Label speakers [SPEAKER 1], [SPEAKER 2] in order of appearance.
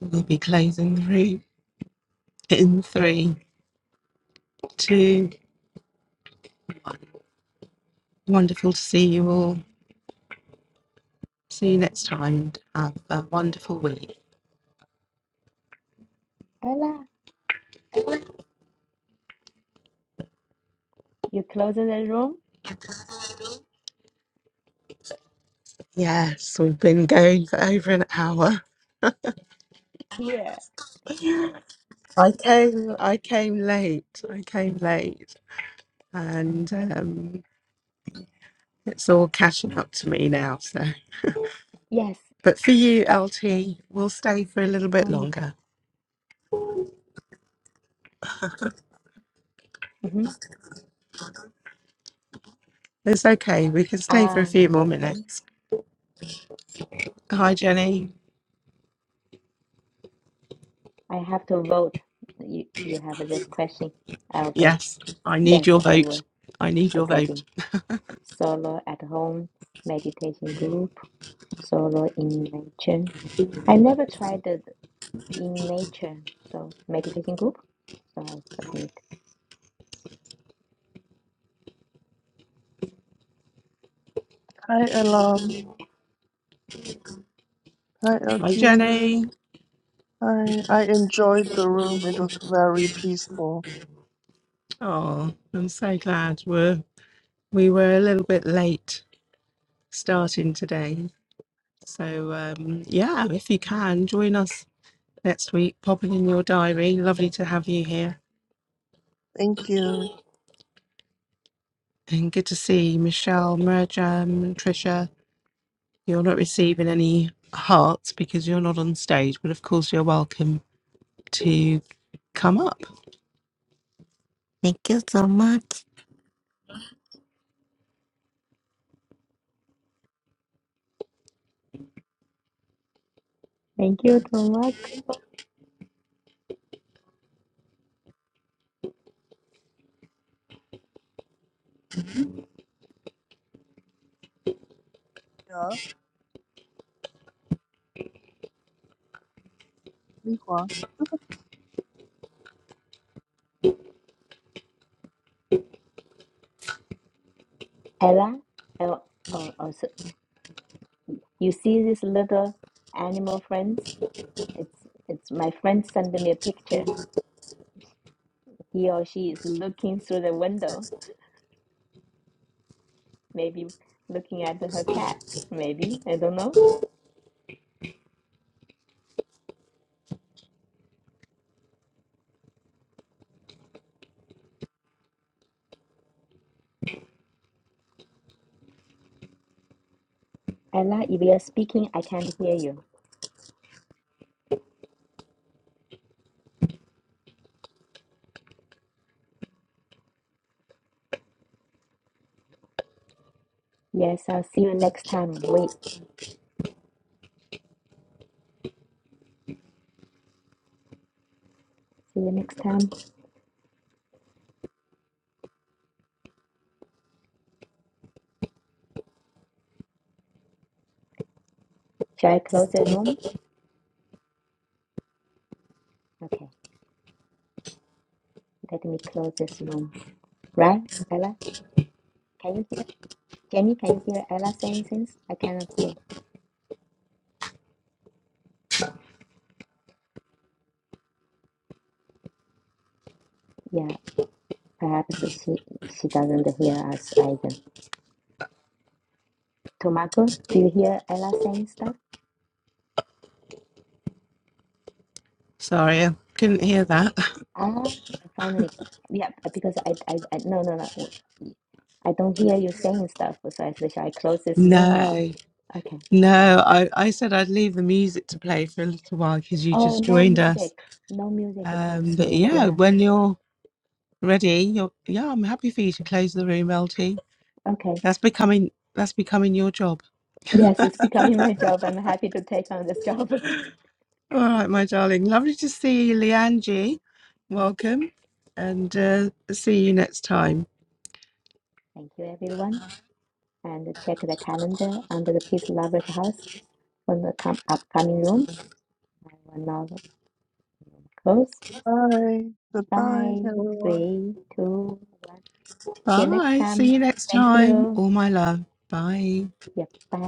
[SPEAKER 1] We'll be closing the room in three, two. Wonderful to see you all. See you next time. And Have a wonderful week.
[SPEAKER 2] Bella, you close the room?
[SPEAKER 1] Yes, we've been going for over an hour.
[SPEAKER 2] Here.
[SPEAKER 1] I came, I came late. I came late, and um, it's all catching up to me now. So,
[SPEAKER 2] Yes,
[SPEAKER 1] but for you, LT, we'll stay for a little bit
[SPEAKER 2] don't need
[SPEAKER 1] longer.
[SPEAKER 2] to. hmm
[SPEAKER 1] It's okay. We can stay for a
[SPEAKER 2] Ah,
[SPEAKER 1] few more
[SPEAKER 2] okay.
[SPEAKER 1] minutes. Hi, Jenny.
[SPEAKER 2] I have to vote. You you have this question. I'll go.
[SPEAKER 1] Yes, I need
[SPEAKER 2] Yes,
[SPEAKER 1] your
[SPEAKER 2] I
[SPEAKER 1] vote.
[SPEAKER 2] will.
[SPEAKER 1] I need
[SPEAKER 2] I
[SPEAKER 1] your
[SPEAKER 2] go
[SPEAKER 1] vote.
[SPEAKER 2] in. Solo at home, meditation group, solo in nature. I never tried it in nature, so meditation group. So I'll submit.
[SPEAKER 3] Hi, Elam. Hi,
[SPEAKER 1] Hi,
[SPEAKER 3] LT.
[SPEAKER 1] Jenny.
[SPEAKER 3] Hi. I enjoyed the room. It was very peaceful.
[SPEAKER 1] Oh, I'm so glad we're we were a little bit late starting today. So um, yeah, if you can join us next week, pop it in your diary. Lovely to have you here,
[SPEAKER 3] Thank you.
[SPEAKER 1] and good to see Michelle, Merjam, Trisha. You're not receiving any hearts because you're not on stage, but of course you're welcome to come up.
[SPEAKER 4] Thank you so much.
[SPEAKER 2] Thank you, Tomako.
[SPEAKER 3] Yeah. Li Hua.
[SPEAKER 2] Ella, oh, oh, also, you see this little animal friends? It's it's my friend sent me a picture. He or she is looking through the window, maybe looking at her cat. Maybe I don't know. Ella, if you're speaking, I can't hear you. Yes, I'll see you next time. Wait, see you next time. Shall I close the room? Okay, let me close this room. Right, Ella? Can you hear? Jenny, can you hear Ella saying things? I cannot hear. Yeah, perhaps she she doesn't hear us either. Tomako, do you hear Ella saying stuff?
[SPEAKER 1] Sorry, I couldn't hear that.
[SPEAKER 2] Ah, finally. Yeah, because I, I, I, no, no, no. I don't hear you saying stuff, so I should I close this room now?
[SPEAKER 1] No.
[SPEAKER 2] Okay.
[SPEAKER 1] No, I, I said I'd leave the music to play for a little while because you
[SPEAKER 2] Oh,
[SPEAKER 1] just
[SPEAKER 2] no
[SPEAKER 1] joined us.
[SPEAKER 2] music. No music comes
[SPEAKER 1] Um, but
[SPEAKER 2] through.
[SPEAKER 1] yeah,
[SPEAKER 2] Yeah.
[SPEAKER 1] when you're ready, you're, yeah, I'm happy for you to close the room, LT.
[SPEAKER 2] Okay.
[SPEAKER 1] That's becoming that's becoming your job.
[SPEAKER 2] Yes, it's becoming my job. I'm happy to take on this job.
[SPEAKER 1] All right, my darling. Lovely to see you, Leangie. Welcome, and uh, see you next time.
[SPEAKER 2] Thank you, everyone. And check the calendar under the Peace Lovers House for the com upcoming rooms. I will now close.
[SPEAKER 3] Bye. Goodbye,
[SPEAKER 2] Bye.
[SPEAKER 3] everyone.
[SPEAKER 2] Three, two, one. See you next
[SPEAKER 1] Bye. See
[SPEAKER 2] time.
[SPEAKER 1] you next
[SPEAKER 2] Thank
[SPEAKER 1] time.
[SPEAKER 2] you.
[SPEAKER 1] All my love. Bye.
[SPEAKER 2] Yep. Bye.